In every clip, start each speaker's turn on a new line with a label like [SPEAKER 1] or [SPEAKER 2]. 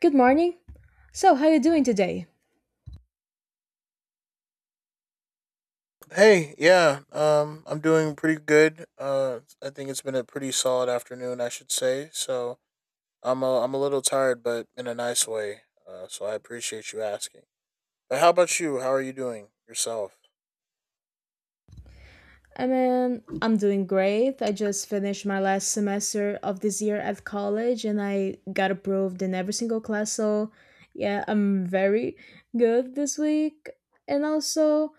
[SPEAKER 1] Good morning. So, how you doing today?
[SPEAKER 2] Hey, yeah, I'm doing pretty good. I think it's been a pretty solid afternoon, I should say. So I'm a little tired, but in a nice way. So I appreciate you asking. But how about you? How are you doing yourself?
[SPEAKER 1] I mean, I'm doing great. I just finished my last semester of this year at college and I got approved in every single class. So, yeah, I'm very good this week. And also,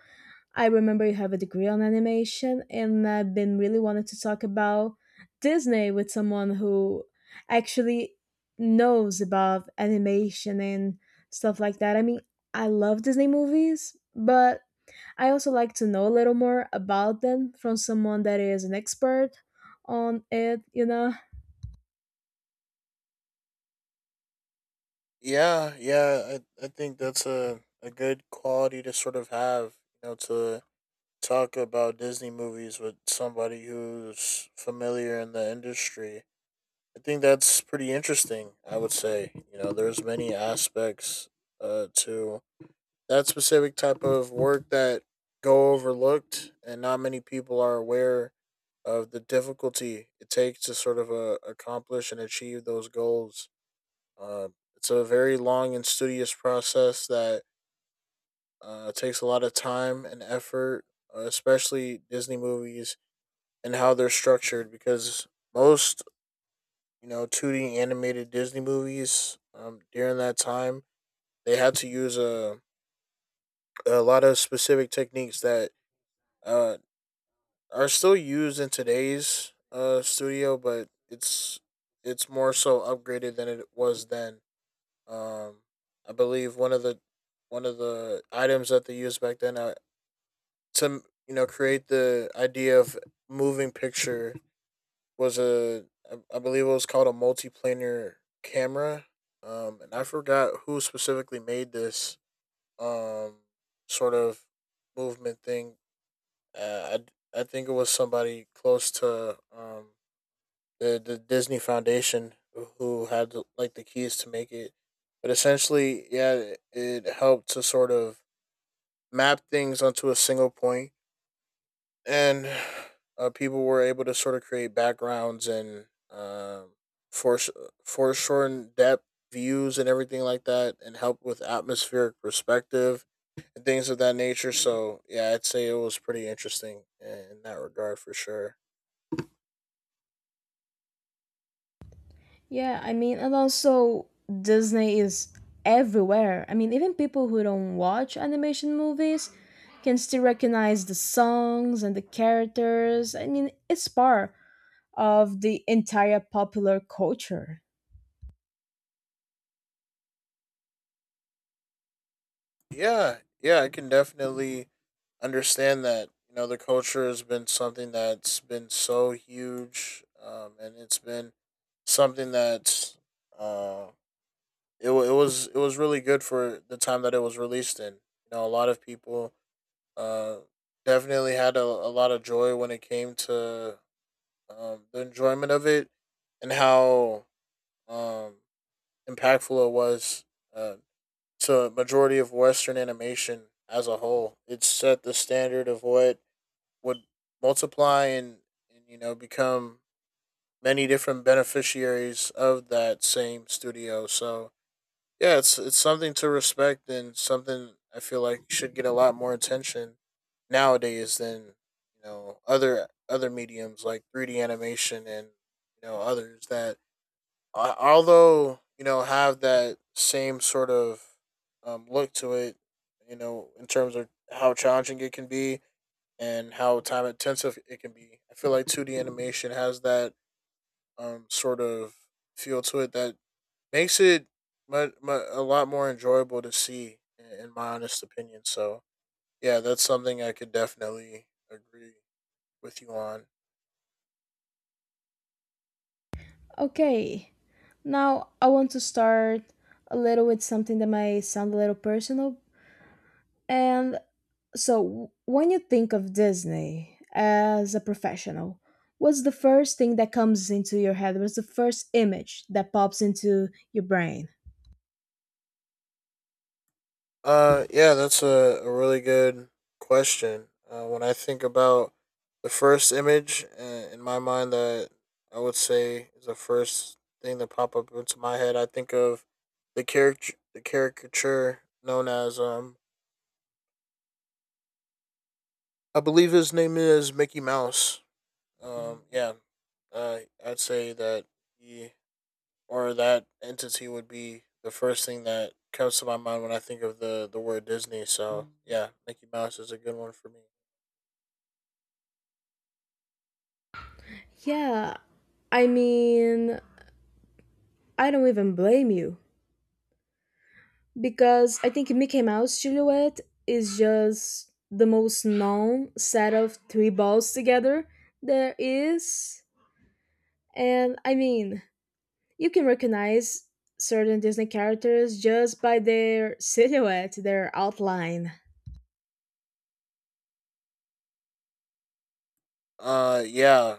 [SPEAKER 1] I remember you have a degree on animation, and I've been really wanting to talk about Disney with someone who actually knows about animation and stuff like that. I mean, I love Disney movies, but I also like to know a little more about them from someone that is an expert on it, you know?
[SPEAKER 2] Yeah, yeah, I think that's a good quality to sort of have, you know, to talk about Disney movies with somebody who's familiar in the industry. I think that's pretty interesting. I would say you know there's many aspects to that specific type of work that go overlooked, and not many people are aware of the difficulty it takes to sort of accomplish and achieve those goals. Uh, it's a very long and studious process that takes a lot of time and effort, especially Disney movies and how they're structured, because most you know, 2D animated Disney movies. During that time, they had to use a lot of specific techniques that uh, are still used in today's studio, but it's more so upgraded than it was then. Um, I believe one of the items that they used back then to you know create the idea of moving picture was a I believe it was called a multiplanar camera. And I forgot who specifically made this um sort of movement thing. Uh, I think it was somebody close to the Disney Foundation who had like the keys to make it. But essentially, yeah, it helped to sort of map things onto a single point and people were able to sort of create backgrounds and force foreshorten depth views and everything like that, and help with atmospheric perspective and things of that nature. So yeah, I'd say it was pretty interesting in that regard for sure.
[SPEAKER 1] Yeah, I mean, and also Disney is everywhere. I mean, even people who don't watch animation movies can still recognize the songs and the characters. I mean, it's part of the entire popular culture.
[SPEAKER 2] Yeah, yeah, I can definitely understand that. You know, the culture has been something that's been so huge, and it's been something that's. Um, it was really good for the time that it was released in. You know, a lot of people uh definitely had a lot of joy when it came to the enjoyment of it and how um impactful it was uh to a majority of western animation as a whole. It set the standard of what would multiply and you know become many different beneficiaries of that same studio. So yeah, it's something to respect and something I feel like should get a lot more attention nowadays than you know other mediums like 3D animation and you know others that although you know have that same sort of look to it, you know in terms of how challenging it can be and how time intensive it can be. I feel like 2D animation has that sort of feel to it that makes it mu mu a lot more enjoyable to see, in my honest opinion. So yeah, that's something I could definitely agree with you on.
[SPEAKER 1] Okay, now I want to start a little with something that might sound a little personal, and so, when you think of Disney as a professional, what's the first thing that comes into your head? What's the first image that pops into your brain?
[SPEAKER 2] Yeah, that's a really good question. When I think about the first image in my mind that I would say is the first thing that pop up into my head, I think of the character, the caricature known as I believe his name is Mickey Mouse. Yeah, uh, I'd say that he or that entity would be the first thing that comes to my mind when I think of the word Disney. So yeah, Mickey Mouse is a good one for me.
[SPEAKER 1] Yeah, I mean, I don't even blame you because I think Mickey Mouse silhouette is just the most known set of three balls together there is. And I mean, you can recognize certain Disney characters just by their silhouette, their outline.
[SPEAKER 2] Yeah,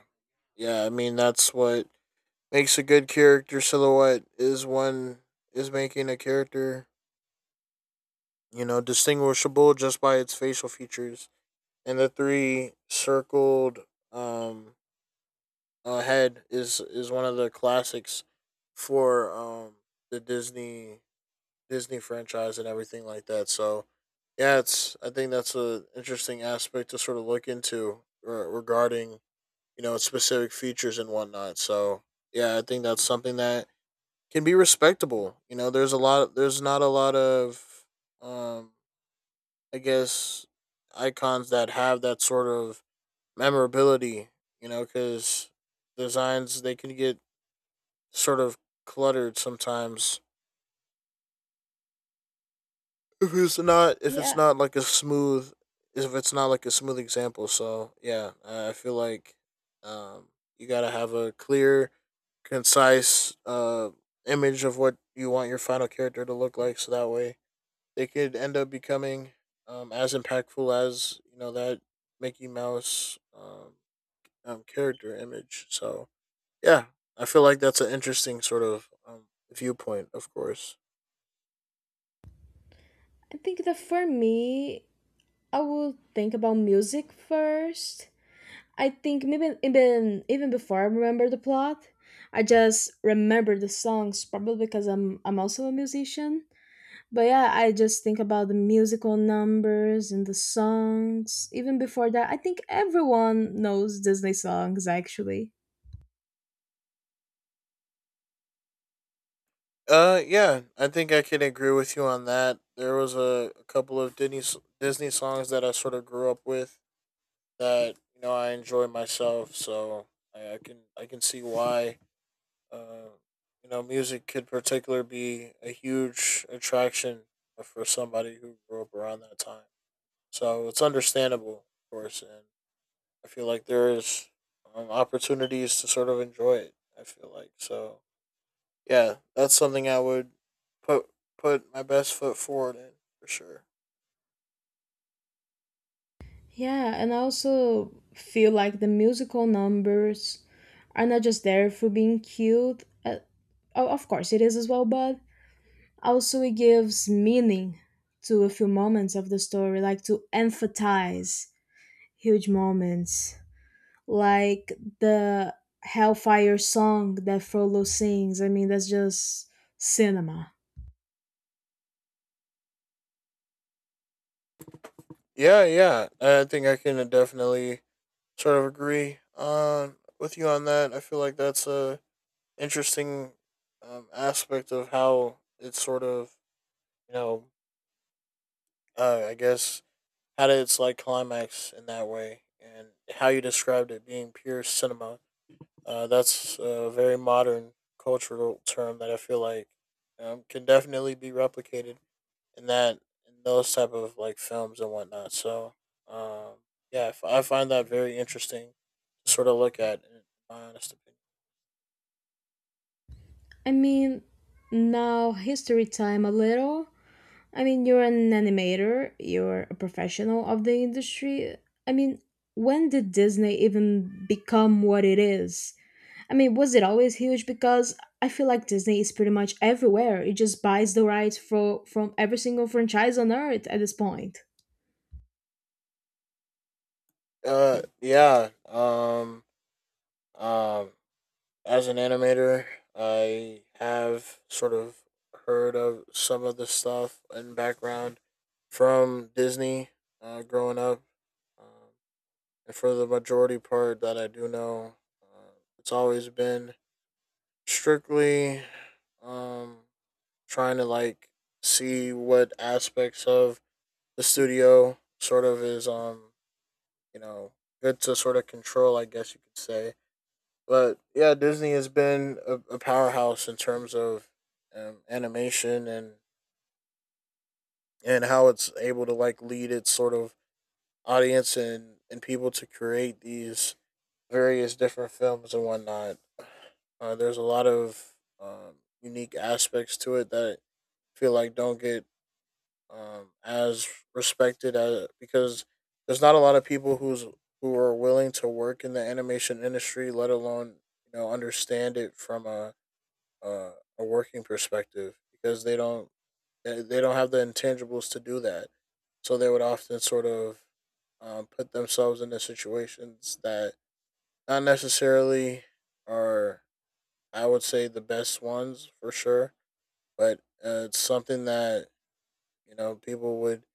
[SPEAKER 2] yeah. I mean, that's what makes a good character silhouette is one is making a character you know distinguishable just by its facial features. And the three circled um head is one of the classics for the Disney franchise and everything like that. So yeah, it's I think that's an interesting aspect to sort of look into regarding you know specific features and whatnot. So yeah, I think that's something that can be respectable. You know, there's a lot. There's not a lot of um I guess icons that have that sort of memorability. You know, because designs they can get sort of cluttered sometimes if it's
[SPEAKER 1] Yeah,
[SPEAKER 2] not like a smooth if it's not like a smooth example. So yeah, I feel like um, you gotta have a clear, concise image of what you want your final character to look like, so that way they could end up becoming as impactful as you know that Mickey Mouse character image. So yeah, I feel like that's an interesting sort of viewpoint, of course.
[SPEAKER 1] I think that for me, I will think about music first. I think maybe even before I remember the plot, I just remember the songs probably because I'm also a musician. But yeah, I just think about the musical numbers and the songs. Even before that, I think everyone knows Disney songs actually.
[SPEAKER 2] Yeah, I think I can agree with you on that. There was a couple of Disney songs that I sort of grew up with that you know I enjoy myself, so I can see why. Uh, you know, music could particular be a huge attraction for somebody who grew up around that time. So it's understandable, of course, and I feel like there is opportunities to sort of enjoy it. I feel like so yeah, that's something I would put put my best foot forward in for sure.
[SPEAKER 1] Yeah, and I also feel like the musical numbers are not just there for being cute. Of course, it is as well, but also it gives meaning to a few moments of the story, like to emphasize huge moments, like the Hellfire song that Frollo sings. I mean, that's just cinema.
[SPEAKER 2] Yeah, yeah, I think I can definitely sort of agree on with you on that. I feel like that's a interesting aspect of how it's sort of you know I guess how did it's like climax in that way and how you described it being pure cinema. That's a very modern cultural term that I feel like can definitely be replicated in that in those type of like films and whatnot. So um, yeah, I find that very interesting to sort of look at, in my honest opinion.
[SPEAKER 1] I mean, now history time a little. I mean, you're an animator, you're a professional of the industry. I mean, when did Disney even become what it is? I mean, was it always huge? Because I feel like Disney is pretty much everywhere. It just buys the rights for, from every single franchise on earth at this point.
[SPEAKER 2] Yeah. Um, as an animator, I have sort of heard of some of the stuff and background from Disney growing up. Um, And for the majority part that I do know, uh, it's always been strictly um, trying to like see what aspects of the studio sort of is, you know, good to sort of control, I guess you could say. But yeah, Disney has been a powerhouse in terms of animation and how it's able to like lead its sort of audience and people to create these various different films and whatnot. There's a lot of um, unique aspects to it that I feel like don't get as respected as, because there's not a lot of people who's who are willing to work in the animation industry, let alone you know understand it from a, a working perspective because they don't have the intangibles to do that. So they would often sort of put themselves into situations that not necessarily are I would say the best ones for sure, but it's something that you know people would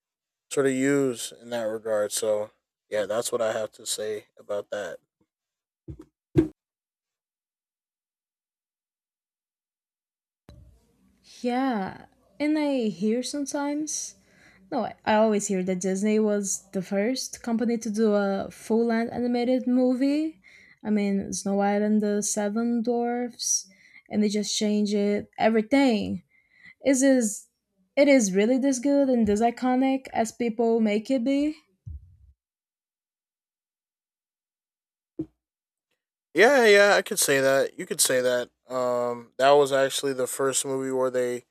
[SPEAKER 2] sort of use in that regard. So yeah, that's what I have to say about that.
[SPEAKER 1] Yeah, and I hear sometimes no, I always hear that Disney was the first company to do a full length animated movie. I mean, Snow White and the Seven Dwarfs, and they just change it everything. Is it is really this good and this iconic as people make it be?
[SPEAKER 2] Yeah, yeah, I could say that. You could say that. That was actually the first movie where they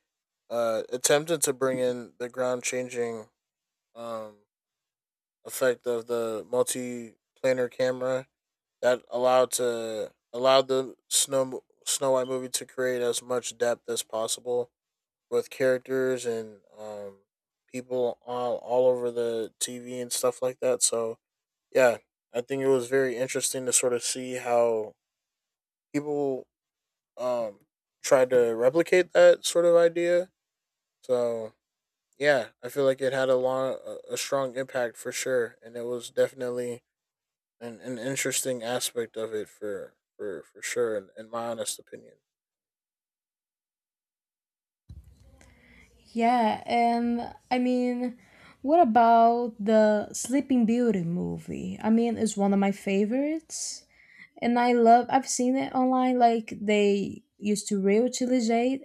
[SPEAKER 2] attempted to bring in the ground changing um effect of the multi planar camera that allowed the Snow White movie to create as much depth as possible with characters and people all over the TV and stuff like that. So yeah, I think it was very interesting to sort of see how people um, tried to replicate that sort of idea. So yeah, I feel like it had a strong impact for sure, and it was definitely an interesting aspect of it for for sure in my honest opinion.
[SPEAKER 1] Yeah, and I mean, what about the Sleeping Beauty movie? I mean, it's one of my favorites and I've seen it online like they used to reutilize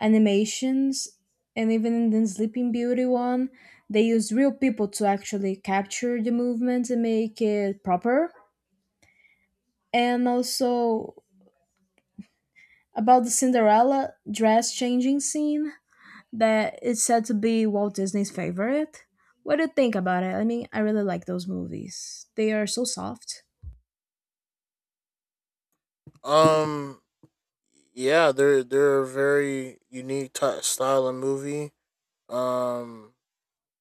[SPEAKER 1] animations, and even in the Sleeping Beauty one they used real people to actually capture the movement and make it proper. And also, about the Cinderella dress changing scene that is said to be Walt Disney's favorite, what do you think about it? I mean, I really like those movies. They are so soft.
[SPEAKER 2] um yeah, they're a very unique ty style of movie. um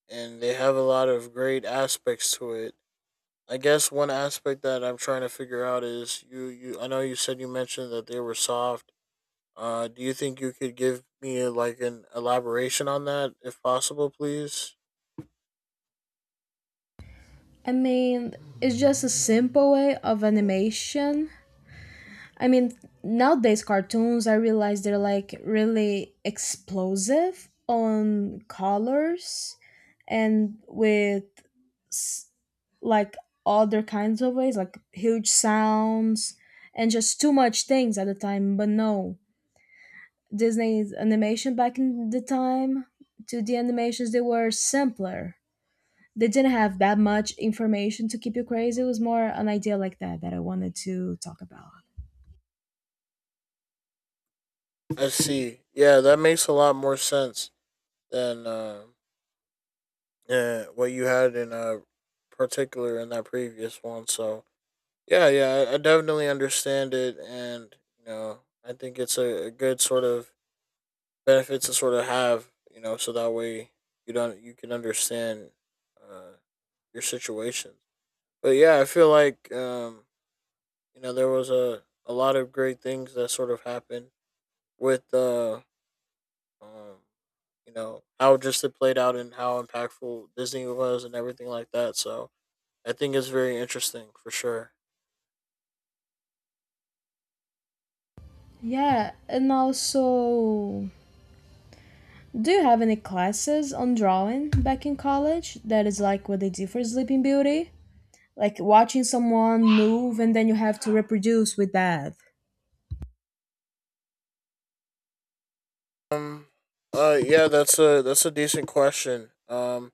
[SPEAKER 2] and they have a lot of great aspects to it. I guess one aspect that I'm trying to figure out is you I know you said you mentioned that they were soft. Do you think you could give me like an elaboration on that if possible please?
[SPEAKER 1] I mean, it's just a simple way of animation. I mean, nowadays cartoons, I realize they're like really explosive on colors and with s- like other kinds of ways, like huge sounds and just too much things at the time. But no, Disney's animation back in the time to the animations, they were simpler. They didn't have that much information to keep you crazy. It was more an idea like that that I wanted to talk about.
[SPEAKER 2] I see, yeah, that makes a lot more sense than what you had in particular in that previous one. So yeah, yeah, I definitely understand it, and you know, I think it's a good sort of benefit to sort of have, you know, so that way you don't you can understand uh, your situations. But yeah, I feel like you know there was a lot of great things that sort of happened with um, you know how just it played out and how impactful Disney was and everything like that. So I think it's very interesting for sure.
[SPEAKER 1] Yeah, and also, do you have any classes on drawing back in college that is like what they do for Sleeping Beauty? Like watching someone move and then you have to reproduce with that.
[SPEAKER 2] Um. Yeah. That's a decent question.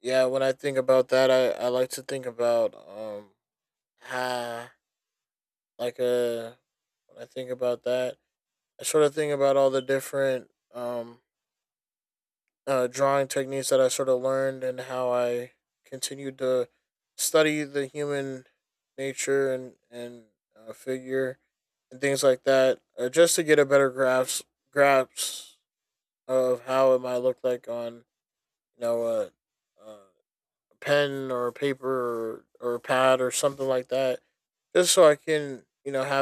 [SPEAKER 2] Yeah. When I think about that, I like to think about. Ha. Like a. When I think about that, I sort of think about all the different drawing techniques that I sort of learned and how I continued to study the human nature and figure and things like that, just to get a better grasp of how it might look like on you know a pen or a paper or a pad or something like that just so I can you know have